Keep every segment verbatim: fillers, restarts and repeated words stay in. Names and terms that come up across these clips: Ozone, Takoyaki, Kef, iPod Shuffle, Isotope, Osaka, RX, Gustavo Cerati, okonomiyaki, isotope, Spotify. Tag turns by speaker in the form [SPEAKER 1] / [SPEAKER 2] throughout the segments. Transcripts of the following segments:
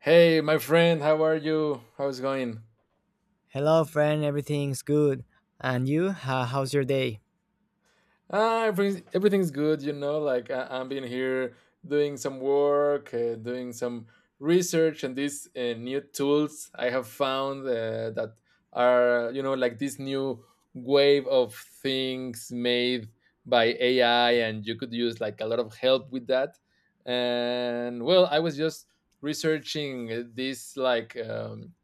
[SPEAKER 1] Hey, my friend, how are you? How's it going?
[SPEAKER 2] Hello, friend. Everything's good. And you? Ho- how's your day?
[SPEAKER 1] Ah, everything, everything's good, you know. Like I, I'm been here doing some work, uh, doing some research, and these uh, new tools I have found uh, that are, you know, like this new wave of things made by A I, and you could use like a lot of help with that. And well, I was just researching uh, this like um,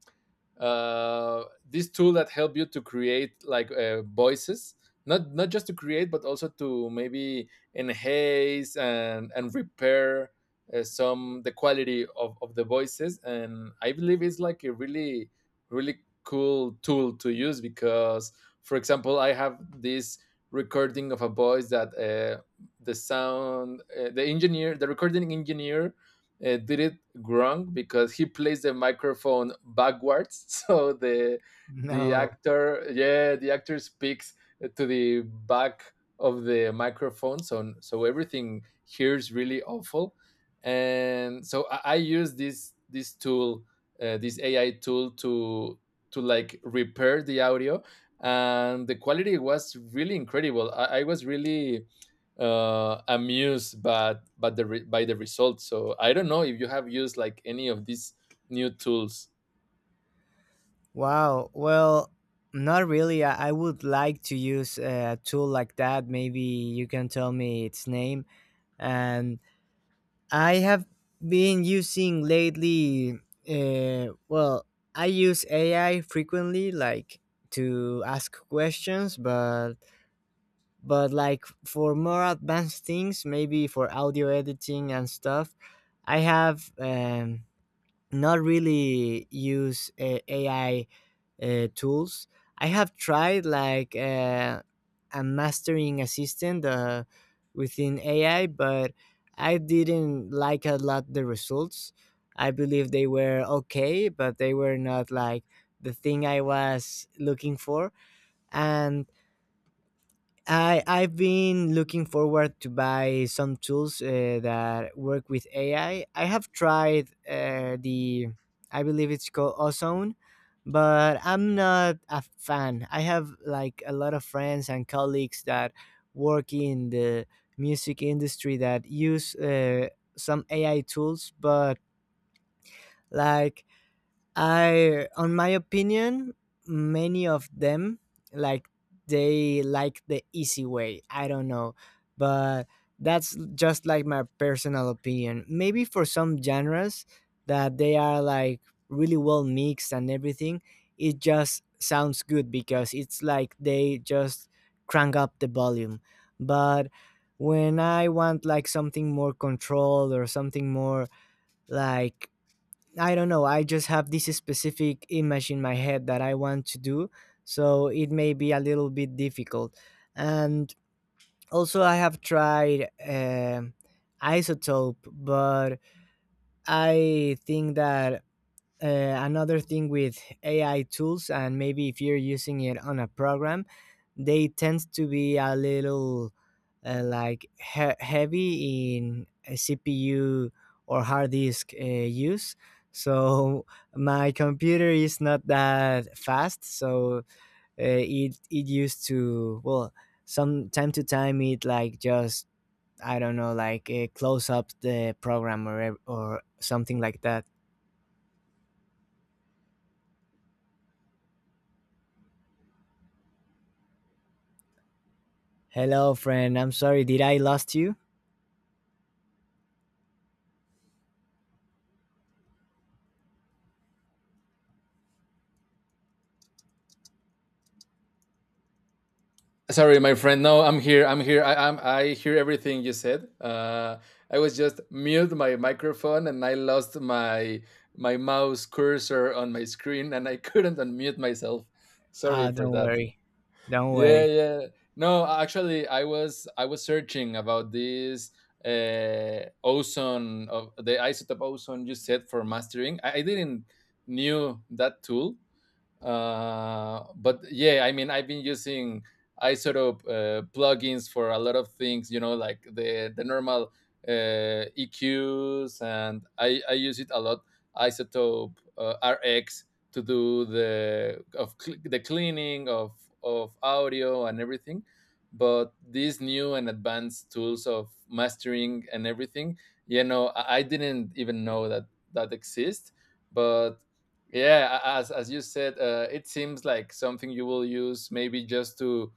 [SPEAKER 1] uh, this tool that help you to create like uh, voices not not just to create but also to maybe enhance and and repair uh, some the quality of, of the voices. And I believe it's like a really really cool tool to use because for example I have this recording of a voice that uh, the sound uh, the engineer the recording engineer uh, did it wrong because he placed the microphone backwards. So the the
[SPEAKER 2] No.
[SPEAKER 1] actor yeah the actor speaks to the back of the microphone. So so everything here is really awful, and so i, I use this this tool, uh, this AI tool to to like repair the audio. And the quality was really incredible. i, I was really uh, amused but but the re- by the results. So I don't know if you have used like any of these new tools.
[SPEAKER 2] Wow. Well, not really. I, I would like to use a tool like that. Maybe you can tell me its name. And I have been using lately, uh, well, I use A I frequently, like to ask questions, but but like for more advanced things, maybe for audio editing and stuff, I have um, not really use uh, A I uh, tools. I have tried like uh, a mastering assistant uh, within A I, but I didn't like a lot the results. I believe they were okay, but they were not like the thing I was looking for. And I I've been looking forward to buy some tools uh, that work with A I. I I have tried uh, the I believe it's called Ozone, but I'm not a fan. I have like a lot of friends and colleagues that work in the music industry that use uh, some A I tools, but like I, on my opinion, many of them like they like the easy way. I don't know, but that's just like my personal opinion. Maybe for some genres that they are like really well mixed and everything, it just sounds good because it's like they just crank up the volume. But when I want like something more controlled or something more like I don't know. I just have this specific image in my head that I want to do, so it may be a little bit difficult. And also, I have tried um isotope, but I think that uh, another thing with A I tools, and maybe if you're using it on a program, they tend to be a little uh, like he- heavy in a C P U or hard disk uh, use. So my computer is not that fast, so uh, it it used to well some time to time it like just I don't know like uh, close up the program or ev- or something like that. Hello, friend. I'm sorry. Did I lost you?
[SPEAKER 1] Sorry, my friend. No, I'm here. I'm here. I, I'm. I hear everything you said. Uh, I was just mute my microphone and I lost my my mouse cursor on my screen, and I couldn't unmute myself. Sorry
[SPEAKER 2] Ah,
[SPEAKER 1] for
[SPEAKER 2] don't
[SPEAKER 1] that.
[SPEAKER 2] worry. Don't
[SPEAKER 1] yeah
[SPEAKER 2] worry.
[SPEAKER 1] yeah no actually i was i was searching about this uh ozone of the isotope ozone you said for mastering. i, I didn't knew that tool, uh, but yeah, I mean, I've been using isotope uh, plugins for a lot of things. You know, like the the normal uh, E Qs, and I I use it a lot. Isotope uh, R X to do the of cl- the cleaning of of audio and everything. But these new and advanced tools of mastering and everything, you know, I, I didn't even know that that exist. But yeah, a- as as you said, uh, it seems like something you will use maybe just to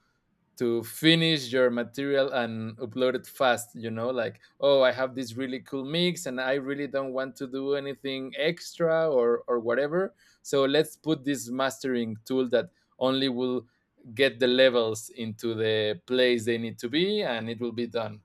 [SPEAKER 1] to finish your material and upload it fast, you know, like, oh, I have this really cool mix and I really don't want to do anything extra or or whatever. So let's put this mastering tool that only will get the levels into the place they need to be, and it will be done.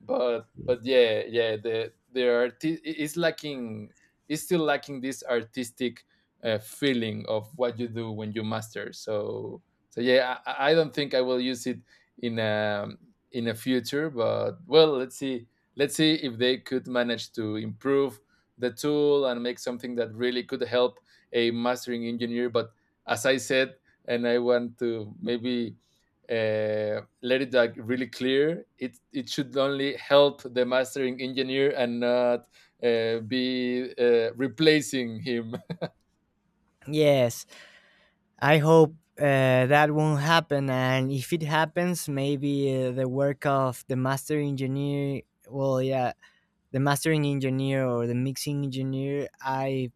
[SPEAKER 1] But but yeah yeah the the art is lacking, is still lacking this artistic uh, feeling of what you do when you master. So so yeah I, I don't think I will use it in um in the future. But well, let's see. Let's see if they could manage to improve the tool and make something that really could help a mastering engineer. But as I said, and I want to maybe uh, let it like really clear, it it should only help the mastering engineer and not uh, be uh, replacing him.
[SPEAKER 2] Yes, I hope uh, that won't happen. And if it happens, maybe uh, the work of the master engineer, well, yeah, the mastering engineer or the mixing engineer, I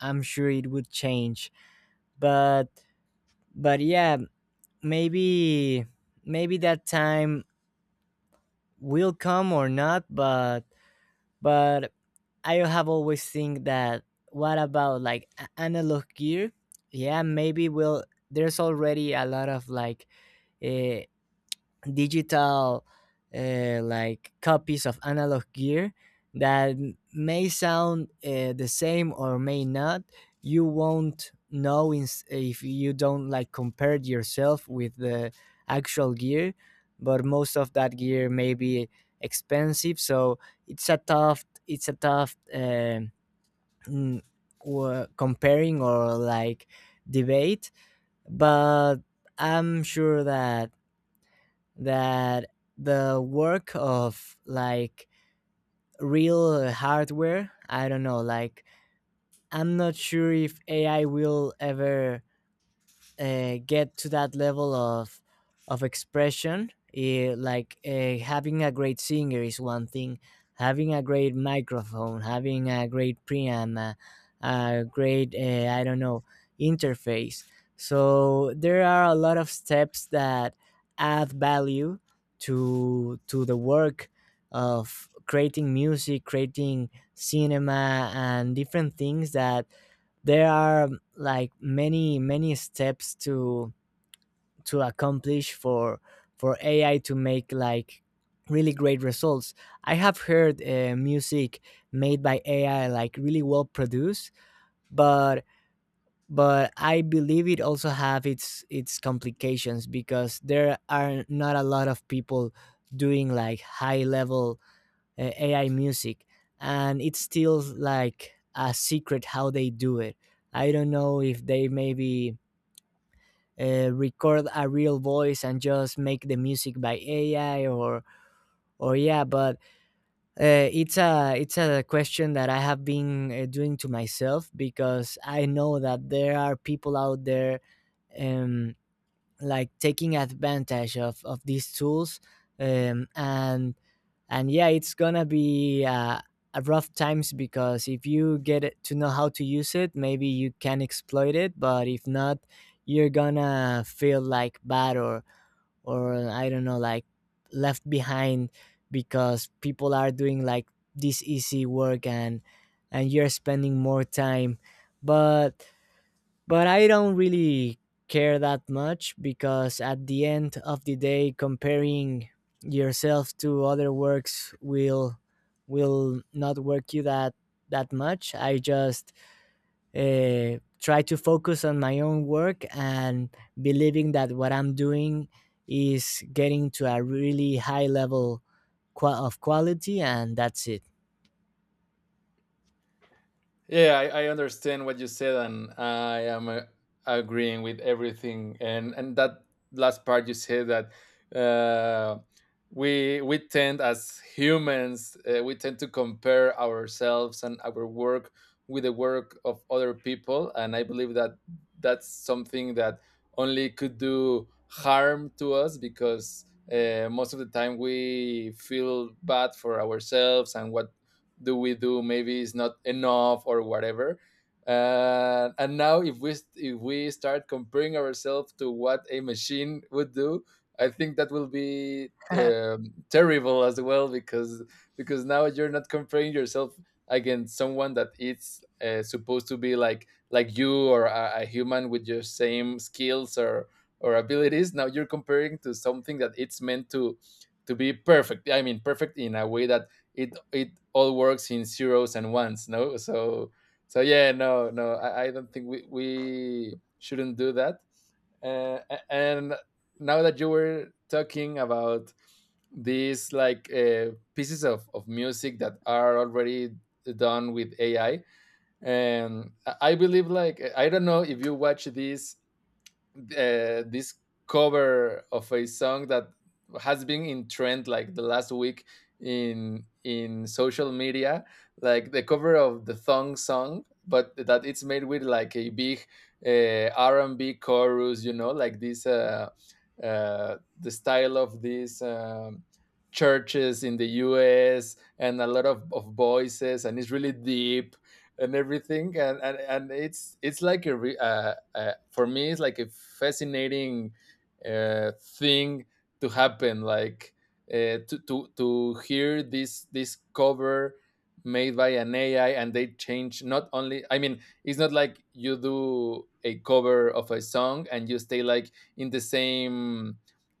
[SPEAKER 2] I'm sure it would change. But but yeah, maybe maybe that time will come or not. But but I have always think that what about like a- analog gear? Yeah, maybe will. There's already a lot of like uh, digital uh, like copies of analog gear that m- may sound uh, the same or may not. You won't know ins- if you don't like compare yourself with the actual gear, but most of that gear may be expensive, so it's a tough it's a tough um mm, wa- comparing or like debate. But I'm sure that that the work of like real hardware I don't know like I'm not sure if AI will ever uh, get to that level of of expression, eh, like uh, having a great singer is one thing, having a great microphone, having a great preamp, a, a great uh, I don't know, interface. So there are a lot of steps that add value to to the work of creating music, creating cinema and different things, that there are like many many steps to to accomplish for for AI to make like really great results. I have heard uh, music made by AI like really well produced, but but I believe it also have its its complications because there are not a lot of people doing like high level uh, A I music, and it's still like a secret how they do it. I don't know if they maybe uh, record a real voice and just make the music by A I or or yeah, but uh, it's a it's a question that I have been uh, doing to myself because I know that there are people out there. Um, like taking advantage of of these tools, um, and and yeah it's gonna be uh, a rough times because if you get it to know how to use it maybe you can exploit it but if not you're gonna feel like bad or or I don't know like left behind because people are doing like this easy work and and you're spending more time but but I don't really care that much because at the end of the day, comparing yourself to other works will will not work you that that much. I just uh, try to focus on my own work and believing that what I'm doing is getting to a really high level, qua- of quality, and that's it.
[SPEAKER 1] Yeah, I, I understand what you said, and I am uh, agreeing with everything. And and that last part you said that uh, we we tend as humans, uh, we tend to compare ourselves and our work with the work of other people. And I believe that that's something that only could do harm to us, because uh, most of the time we feel bad for ourselves, and what do we do maybe is not enough or whatever, uh, and now if we if we start comparing ourselves to what a machine would do, I think that will be um, terrible as well, because because now you're not comparing yourself against someone that it's uh, supposed to be like like you, or a, a human with your same skills or or abilities. Now you're comparing to something that it's meant to to be perfect. I mean, perfect in a way that it it all works in zeros and ones, no? So so yeah no no i, I don't think we, we shouldn't do that. uh, and now that you were talking about these like uh, pieces of, of music that are already done with AI, and i and I believe like, I don't know if you watch this uh, this cover of a song that has been in trend like the last week in in social media, like the cover of the thong song, but that it's made with like a big uh, R and B chorus, you know, like this uh, uh, the style of these um, churches in the U S and a lot of, of voices, and it's really deep and everything. And and, and it's it's like a re, uh, uh, for me it's like a fascinating uh, thing to happen, like uh, to, to to hear this this cover made by an AI. And they change not only, I mean it's not like you do a cover of a song and you stay like in the same,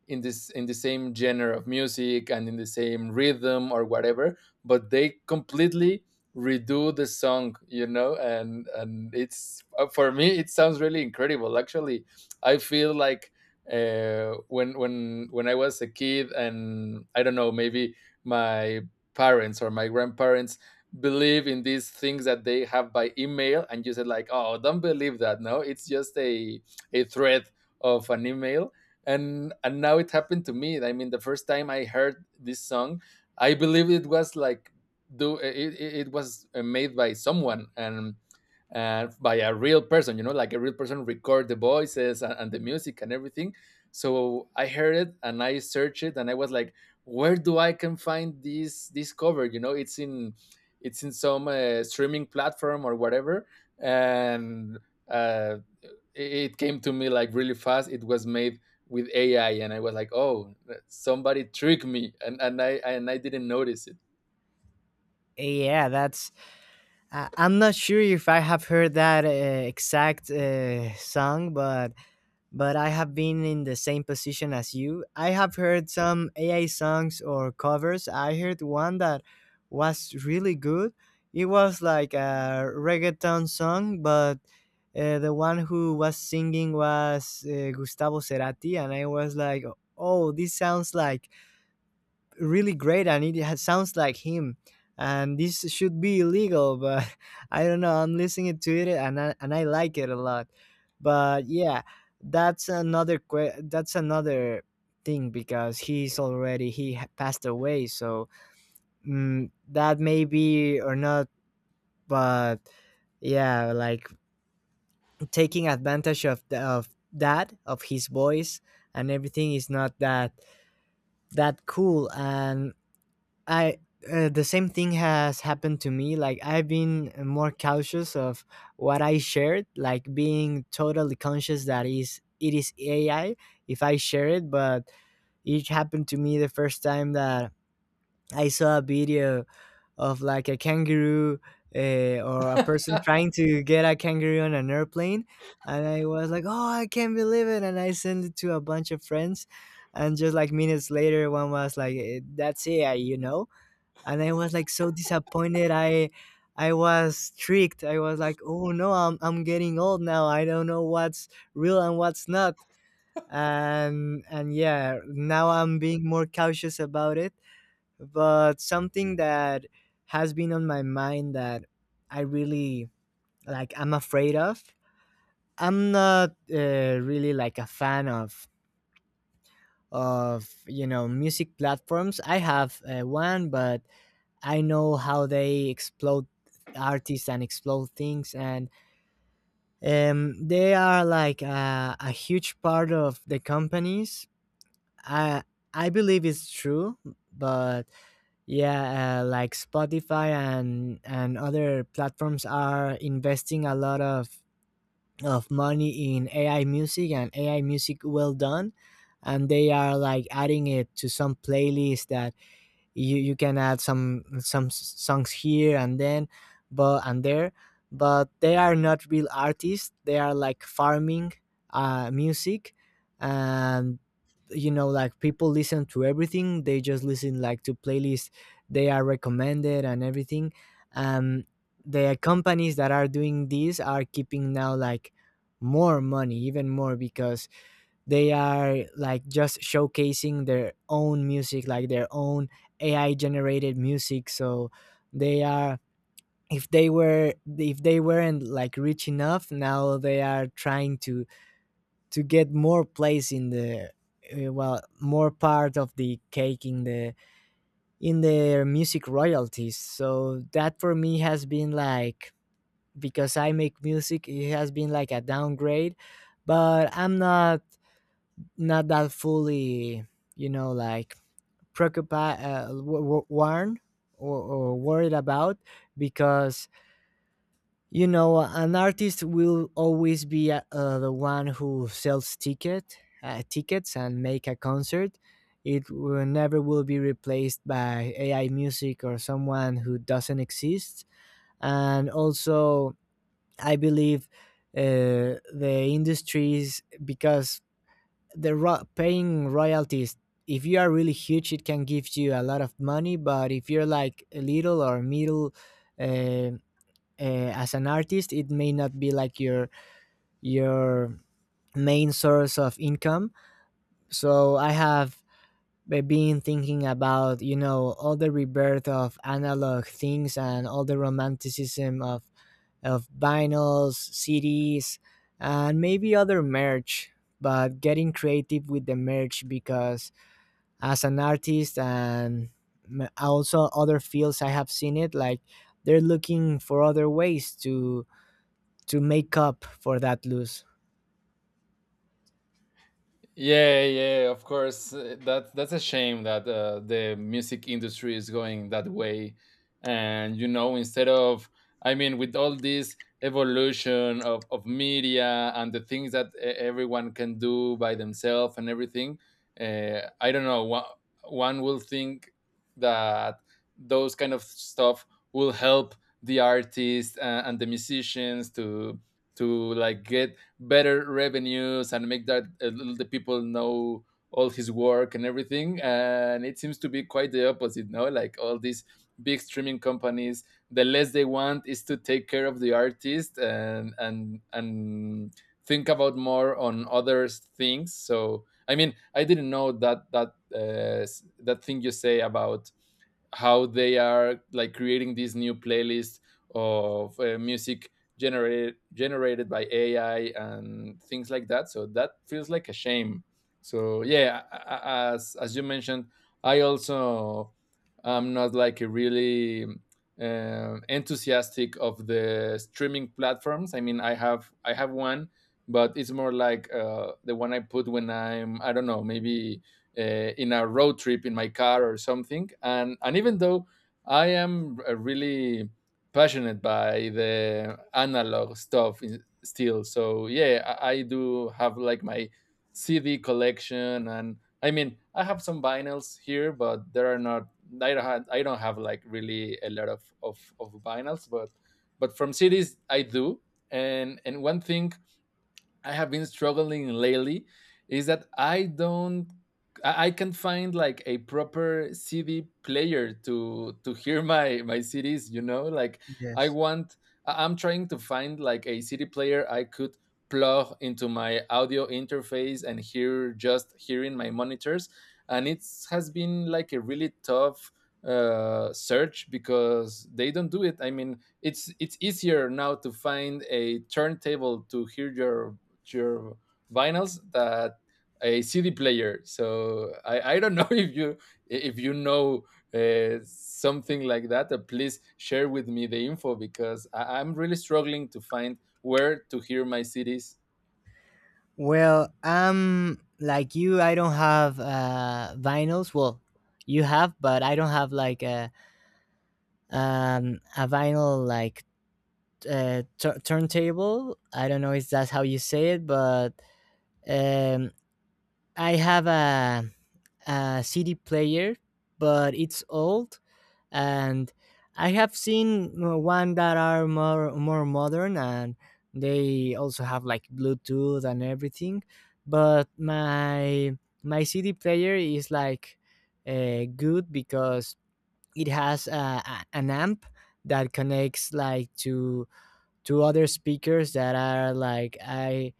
[SPEAKER 1] in this, in the same genre of music and in the same rhythm or whatever, but they completely redo the song, you know. And and it's uh, for me it sounds really incredible actually. I feel like uh when when when I was a kid and I don't know, maybe my parents or my grandparents believe in these things that they have by email, and you said like, oh don't believe that, no it's just a a thread of an email. and and now it happened to me. I mean, the first time I heard this song, I believe it was like do it, it it was uh, made by someone and uh, by a real person, you know, like a real person record the voices and, and the music and everything. So I heard it and I searched it and I was like, where do I can find this this cover, you know, it's in it's in some uh, streaming platform or whatever. And uh, it it came to me like really fast. It was made with AI, and I was like, oh, somebody tricked me, and, and i, and I didn't notice it.
[SPEAKER 2] Yeah, that's I- I'm not sure if I have heard that uh, exact uh, song, but but I have been in the same position as you. I have heard some A I songs or covers. I heard one that was really good. It was like a reggaeton song, but uh, the one who was singing was uh, Gustavo Cerati, and I was like, "Oh, this sounds like really great and it has, sounds like him and this should be illegal." But I don't know, I'm listening to it and I, and I like it a lot. But yeah, that's another que- that's another thing because he's already he ha- passed away, so mm, that may be or not. But yeah like taking advantage of the, of that of his voice and everything is not that that cool. And I, uh, the same thing has happened to me. Like I've been more cautious of what I shared, like being totally conscious that is it is A I if I share it. But it happened to me the first time that I saw a video of like a kangaroo uh, or a person trying to get a kangaroo on an airplane, and I was like, "Oh, I can't believe it!" And I sent it to a bunch of friends, and just like minutes later, one was like, "Eh, that's A I," you know, and I was like so disappointed. I I was tricked. I was like, oh no, I'm I'm getting old now. I don't know what's real and what's not. And and yeah, now I'm being more cautious about it. But something that has been on my mind that I really like I'm afraid of. I'm not uh, really like a fan of of you know music platforms. I have uh, one, but I know how they explode artists and explode things, and um, they are like a, a huge part of the companies. I I believe it's true, but yeah, uh, like Spotify and and other platforms are investing a lot of of money in A I music and A I music well done, and they are like adding it to some playlists that you you can add some some s- songs here and then but and there but they are not real artists, they are like farming uh music. And you know like people listen to everything, they just listen like to playlists they are recommended and everything. Um, the companies that are doing this are keeping now like more money, even more, because they are like just showcasing their own music, like their own AI generated music. So they are if they were if they weren't like rich enough, now they are trying to to get more place in the uh, well more part of the cake in the in their music royalties. So that for me has been like because I make music it has been like a downgrade. But I'm not not that fully, you know, like preoccupied, uh, w- w- worn or, or worried about because you know an artist will always be uh, uh, the one who sells ticket uh, tickets and make a concert. It will never will be replaced by A I music or someone who doesn't exist. And also, I believe uh, the industries because the ro- paying royalties if you are really huge it can give you a lot of money but if you're like little or middle uh, uh, as an artist it may not be like your your main source of income. So I have be- been thinking about you know all the rebirth of analog things and all the romanticism of of vinyls, cds and maybe other merch but getting creative with the merch because as an artist and m- also other fields I have seen it like they're looking for other ways to to make up for that loss.
[SPEAKER 1] Yeah, yeah, of course. Uh, That that's a shame that uh, the music industry is going that way. And you know, instead of, I mean, with all this evolution of, of media and the things that e- everyone can do by themselves and everything, uh, I don't know. One, one will think that those kind of stuff will help the artists and, and the musicians to to like get better revenues and make that uh, the people know all his work and everything. And it seems to be quite the opposite, no? Like all these big streaming companies, the less they want is to take care of the artist, and and and think about more on other things. So I mean, I didn't know that that uh, s- that thing you say about how they are like creating this new playlist of uh, music generated generated by A I and things like that. So that feels like a shame. So yeah, a- a- as as you mentioned, I also am not like a really um enthusiastic of the streaming platforms. I mean, I have I have one, but it's more like uh, the one I put when I'm I don't know, maybe uh, in a road trip in my car or something. And and even though I am uh, really passionate by the analog stuff in, still, so yeah, I, I do have like my C D collection. And I mean, I have some vinyls here, but there are not. I don't have, I don't have like really a lot of of, of vinyls, but but from C Ds I do. And and one thing I have been struggling lately is that I don't I I can't find like a proper C D player to to hear my my C Ds, you know? Like I
[SPEAKER 2] Yes.
[SPEAKER 1] want, I- I'm trying to find like a C D player I could plug into my audio interface and hear, just hearing my monitors. And it has been like a really tough uh search because they don't do it. I mean, it's it's easier now to find a turntable to hear your your vinyls that a C D player. So I, I don't know if you if you know uh, something like that. Uh, please share with me the info because I, I'm really struggling to find where to hear my C Ds.
[SPEAKER 2] Well, I'm like you, I don't have uh vinyls, well you have but I don't have like a um a vinyl like uh, tur turntable, I don't know if that's how you say it, but um I have a, a C D player but it's old. And I have seen uh, one that are more more modern and they also have like Bluetooth and everything. But my my C D player is like uh, good because it has uh, a, an amp that connects like to to other speakers that are like I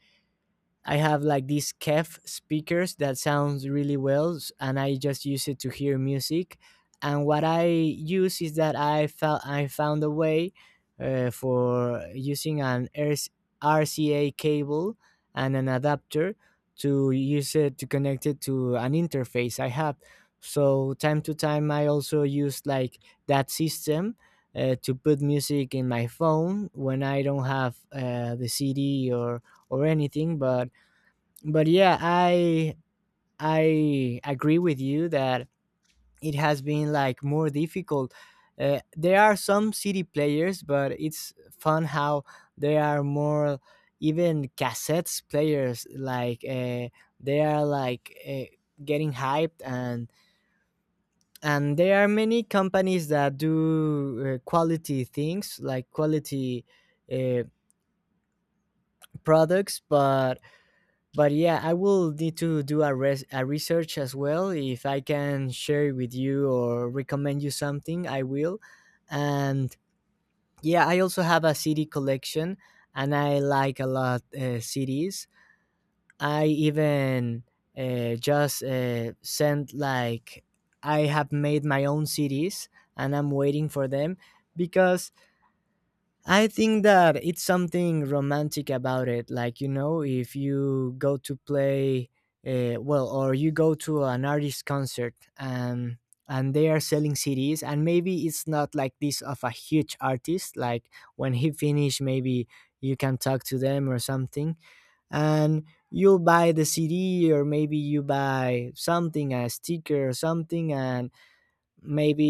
[SPEAKER 2] I have like these Kef speakers that sounds really well, s- and I just use it to hear music. And what I use is that I found I found a way uh, for using an RC R C A cable and an adapter to use it to connect it to an interface I have. So time to time, I also use like that system. Uh, to put music in my phone when I don't have uh, the C D or or anything, but but yeah i i agree with you that it has been like more difficult. Uh, there are some city players, but it's fun how there are more, even cassettes players, like uh, they are like uh, getting hyped. and and there are many companies that do uh, quality things, like quality uh, products. but But yeah, I will need to do a, res- a research as well. If I can share it with you or recommend you something, I will. And yeah, I also have a C D collection, and I like a lot uh, C Ds. I even uh, just uh, sent like, I have made my own C Ds and I'm waiting for them because I think that it's something romantic about it. Like, you know, if you go to play, uh, well, or you go to an artist concert, and and they are selling C Ds, and maybe it's not like this of a huge artist. Like, when he finish, maybe you can talk to them or something, and you'll buy the C D, or maybe you buy something, a sticker or something, and maybe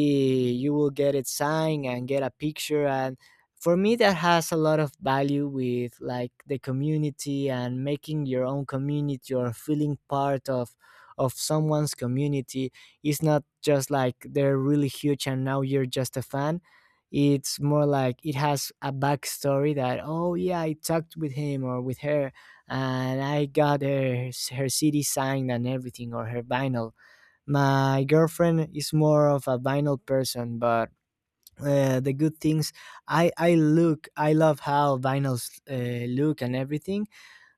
[SPEAKER 2] you will get it signed and get a picture. And for me that has a lot of value, with like the community and making your own community, or feeling part of of someone's community. It's not just like they're really huge and now you're just a fan. It's more like it has a backstory, that oh yeah, I talked with him or with her, and I got her her CD signed and everything, or her vinyl. My girlfriend is more of a vinyl person, but uh, the good things, i i look, I love how vinyls uh, look and everything.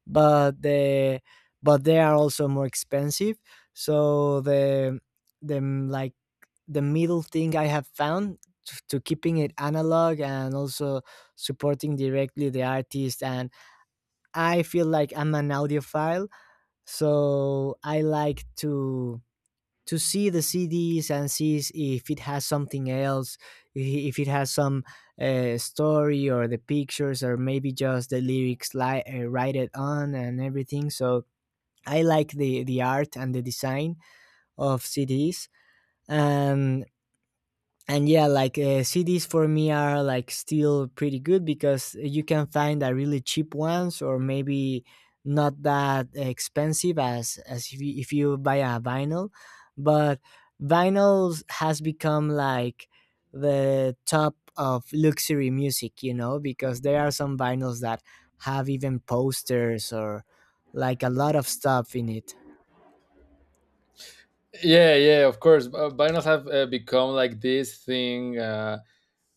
[SPEAKER 2] But the, but they are also more expensive. So the, the mm, like the middle thing I have found, t- to keeping it analog and also supporting directly the artist. And I feel like I'm an audiophile, so I like to to see the C Ds and see if it has something else, if it has some uh, story, or the pictures, or maybe just the lyrics li- uh, write it on and everything. So I like the the art and the design of C Ds. And and yeah, like uh, cds for me are like still pretty good, because you can find a really cheap ones, or maybe not that expensive as as if you, if you buy a vinyl. But vinyls has become like the top of luxury music, you know, because there are some vinyls that have even posters, or like a lot of stuff in it.
[SPEAKER 1] Yeah, yeah, of course. Uh, Vinyls have uh, become like this thing. Uh,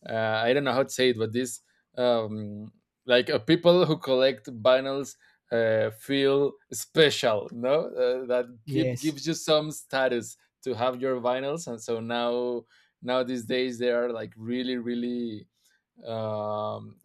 [SPEAKER 1] uh, I don't know how to say it, but this um, like uh, people who collect vinyls uh, feel special, no? Uh, that give,
[SPEAKER 2] Yes.
[SPEAKER 1] gives you some status to have your vinyls, and so now now these days they are like really really um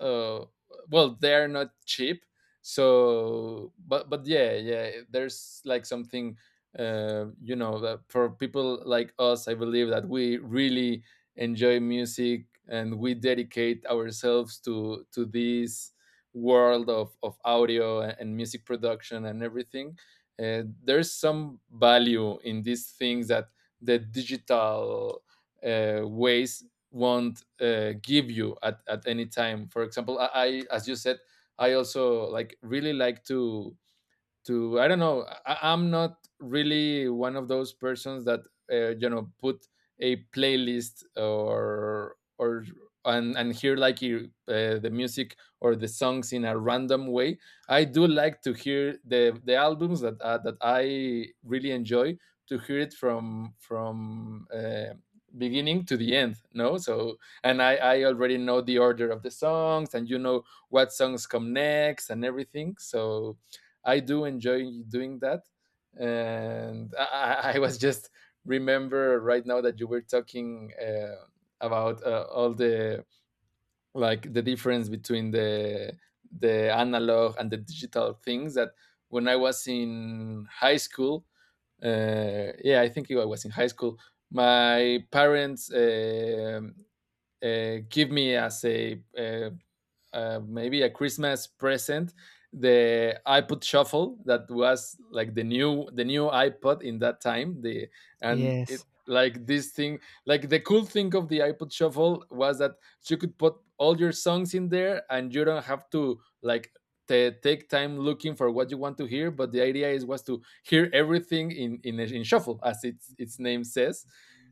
[SPEAKER 1] uh well they're not cheap, so but but yeah, yeah, there's like something, uh you know that for people like us, I believe that we really enjoy music and we dedicate ourselves to to this world of of audio a- and music production and everything. Uh, there's some value in these things that the digital uh, ways won't uh, give you at, at any time. For example, I, I as you said, I also like, really like to to I don't know, I, I'm not really one of those persons that uh, you know put a playlist or or and and hear like you- uh, the music or the songs in a random way. I do like to hear the the albums that uh, that I really enjoy, to hear it from from uh, beginning to the end, no? So and i i already know the order of the songs and you know what songs come next and everything, so I do enjoy doing that. And I, I was just remember right now that you were talking uh, about uh, all the, like the difference between the the analog and the digital things, that when I was in high school, uh, yeah, I think I was in high school. My parents uh, uh, give me as a, uh, uh, maybe a Christmas present, the iPod Shuffle, that was like the new, the new iPod in that time. The, and it
[SPEAKER 2] Yes.
[SPEAKER 1] like this thing, like the cool thing of the iPod Shuffle was that you could put all your songs in there and you don't have to like ta- take time looking for what you want to hear, but the idea is, was to hear everything in in, in shuffle, as its its name says.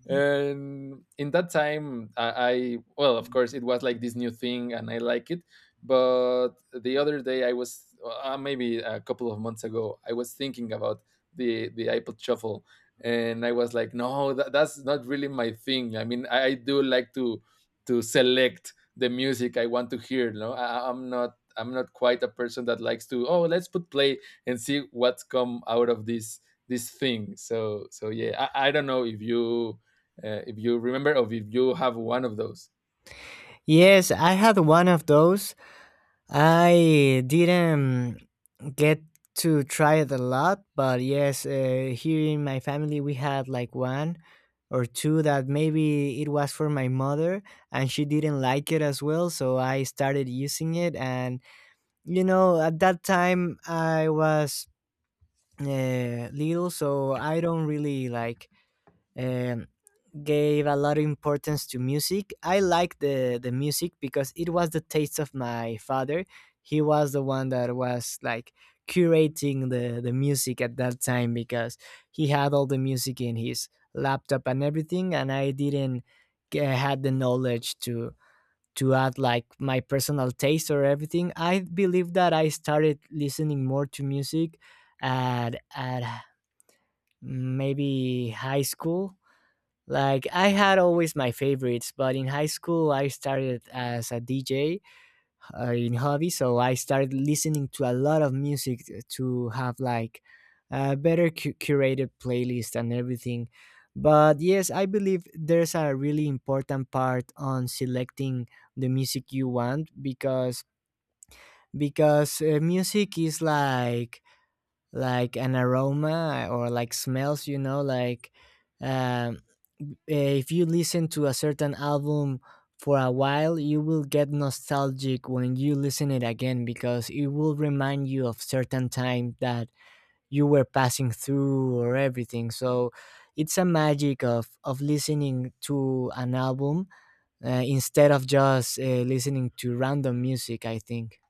[SPEAKER 1] And in that time, I, I, well of course it was like this new thing and I like it. But the other day, I was, uh, maybe a couple of months ago, I was thinking about the the iPod Shuffle, and I was like, no, that, that's not really my thing. I mean, I, I do like to to select the music I want to hear. No, I, I'm not. I'm not quite a person that likes to, oh, let's put play and see what's come out of this this thing. So so yeah, I, I don't know if you, uh, if you remember or if you have one of those.
[SPEAKER 2] Yes, I had one of those. I didn't get to try it a lot, but yes, uh, here in my family we had like one or two, that maybe it was for my mother and she didn't like it as well, so I started using it. And you know, at that time I was uh, little, so I don't really like. Um, Gave a lot of importance to music. I liked the the music because it was the taste of my father. He was the one that was like curating the the music at that time, because he had all the music in his laptop and everything, and I didn't g- had the knowledge to to add like my personal taste or everything. I believe that I started listening more to music at at maybe high school. Like I had always my favorites, but in high school I started as a D J uh, in hobby, so I started listening to a lot of music to have like a better cu- curated playlist and everything. But yes, I believe there's a really important part on selecting the music you want, because because uh, music is like like an aroma, or like smells, you know, like um, if you listen to a certain album for a while, you will get nostalgic when you listen it again, because it will remind you of certain time that you were passing through or everything. So it's a magic of of listening to an album uh, instead of just uh, listening to random music, I think.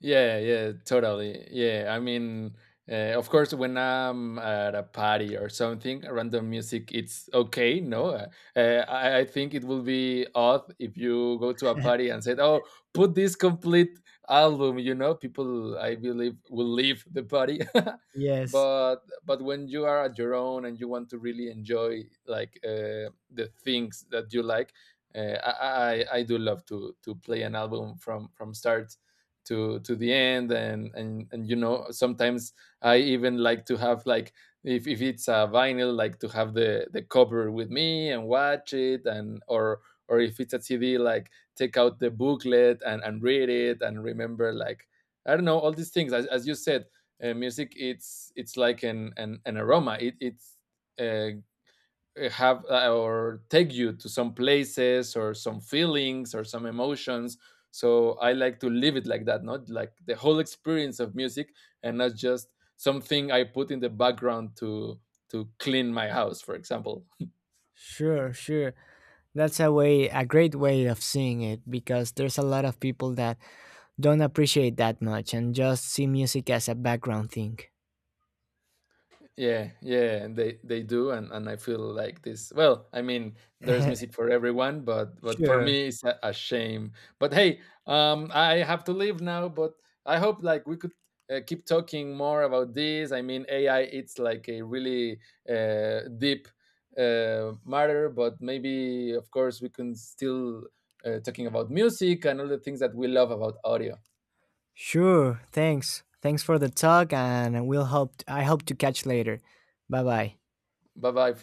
[SPEAKER 1] Yeah, yeah, totally. Yeah, I mean, uh, of course, when I'm at a party or something, random music, it's okay. No, uh, uh, I, I think it will be odd if you go to a party and said, "Oh, put this complete album." You know, people, I believe, will leave the party.
[SPEAKER 2] Yes.
[SPEAKER 1] but but when you are at your own and you want to really enjoy like uh, the things that you like, uh, I, I I do love to to play an album from from start to to the end, and and and you know, sometimes I even like to have like, if, if it's a vinyl, like to have the the cover with me and watch it, and or or if it's a CD, like take out the booklet and and read it and remember, like, I don't know, all these things. As, as you said, uh, music, it's it's like an an, an aroma. It it's uh, uh, have, uh, or take you to some places or some feelings or some emotions. So I like to live it like that, not like the whole experience of music, and not just something I put in the background to to clean my house, for example.
[SPEAKER 2] Sure, sure. That's a way, a great way of seeing it, because there's a lot of people that don't appreciate that much, and just see music as a background thing.
[SPEAKER 1] Yeah, yeah, they they do, and and I feel like this. Well, I mean, there's music for everyone, but but for
[SPEAKER 2] sure.
[SPEAKER 1] me, it's a, a shame. But hey, um, I have to leave now. But I hope like we could uh, keep talking more about this. I mean, A I, it's like a really uh, deep uh, matter, but maybe of course we can still uh, talking about music and all the things that we love about audio.
[SPEAKER 2] Sure. Thanks. Thanks for the talk, and we'll hope, I hope to catch later. Bye-bye.
[SPEAKER 1] Bye bye.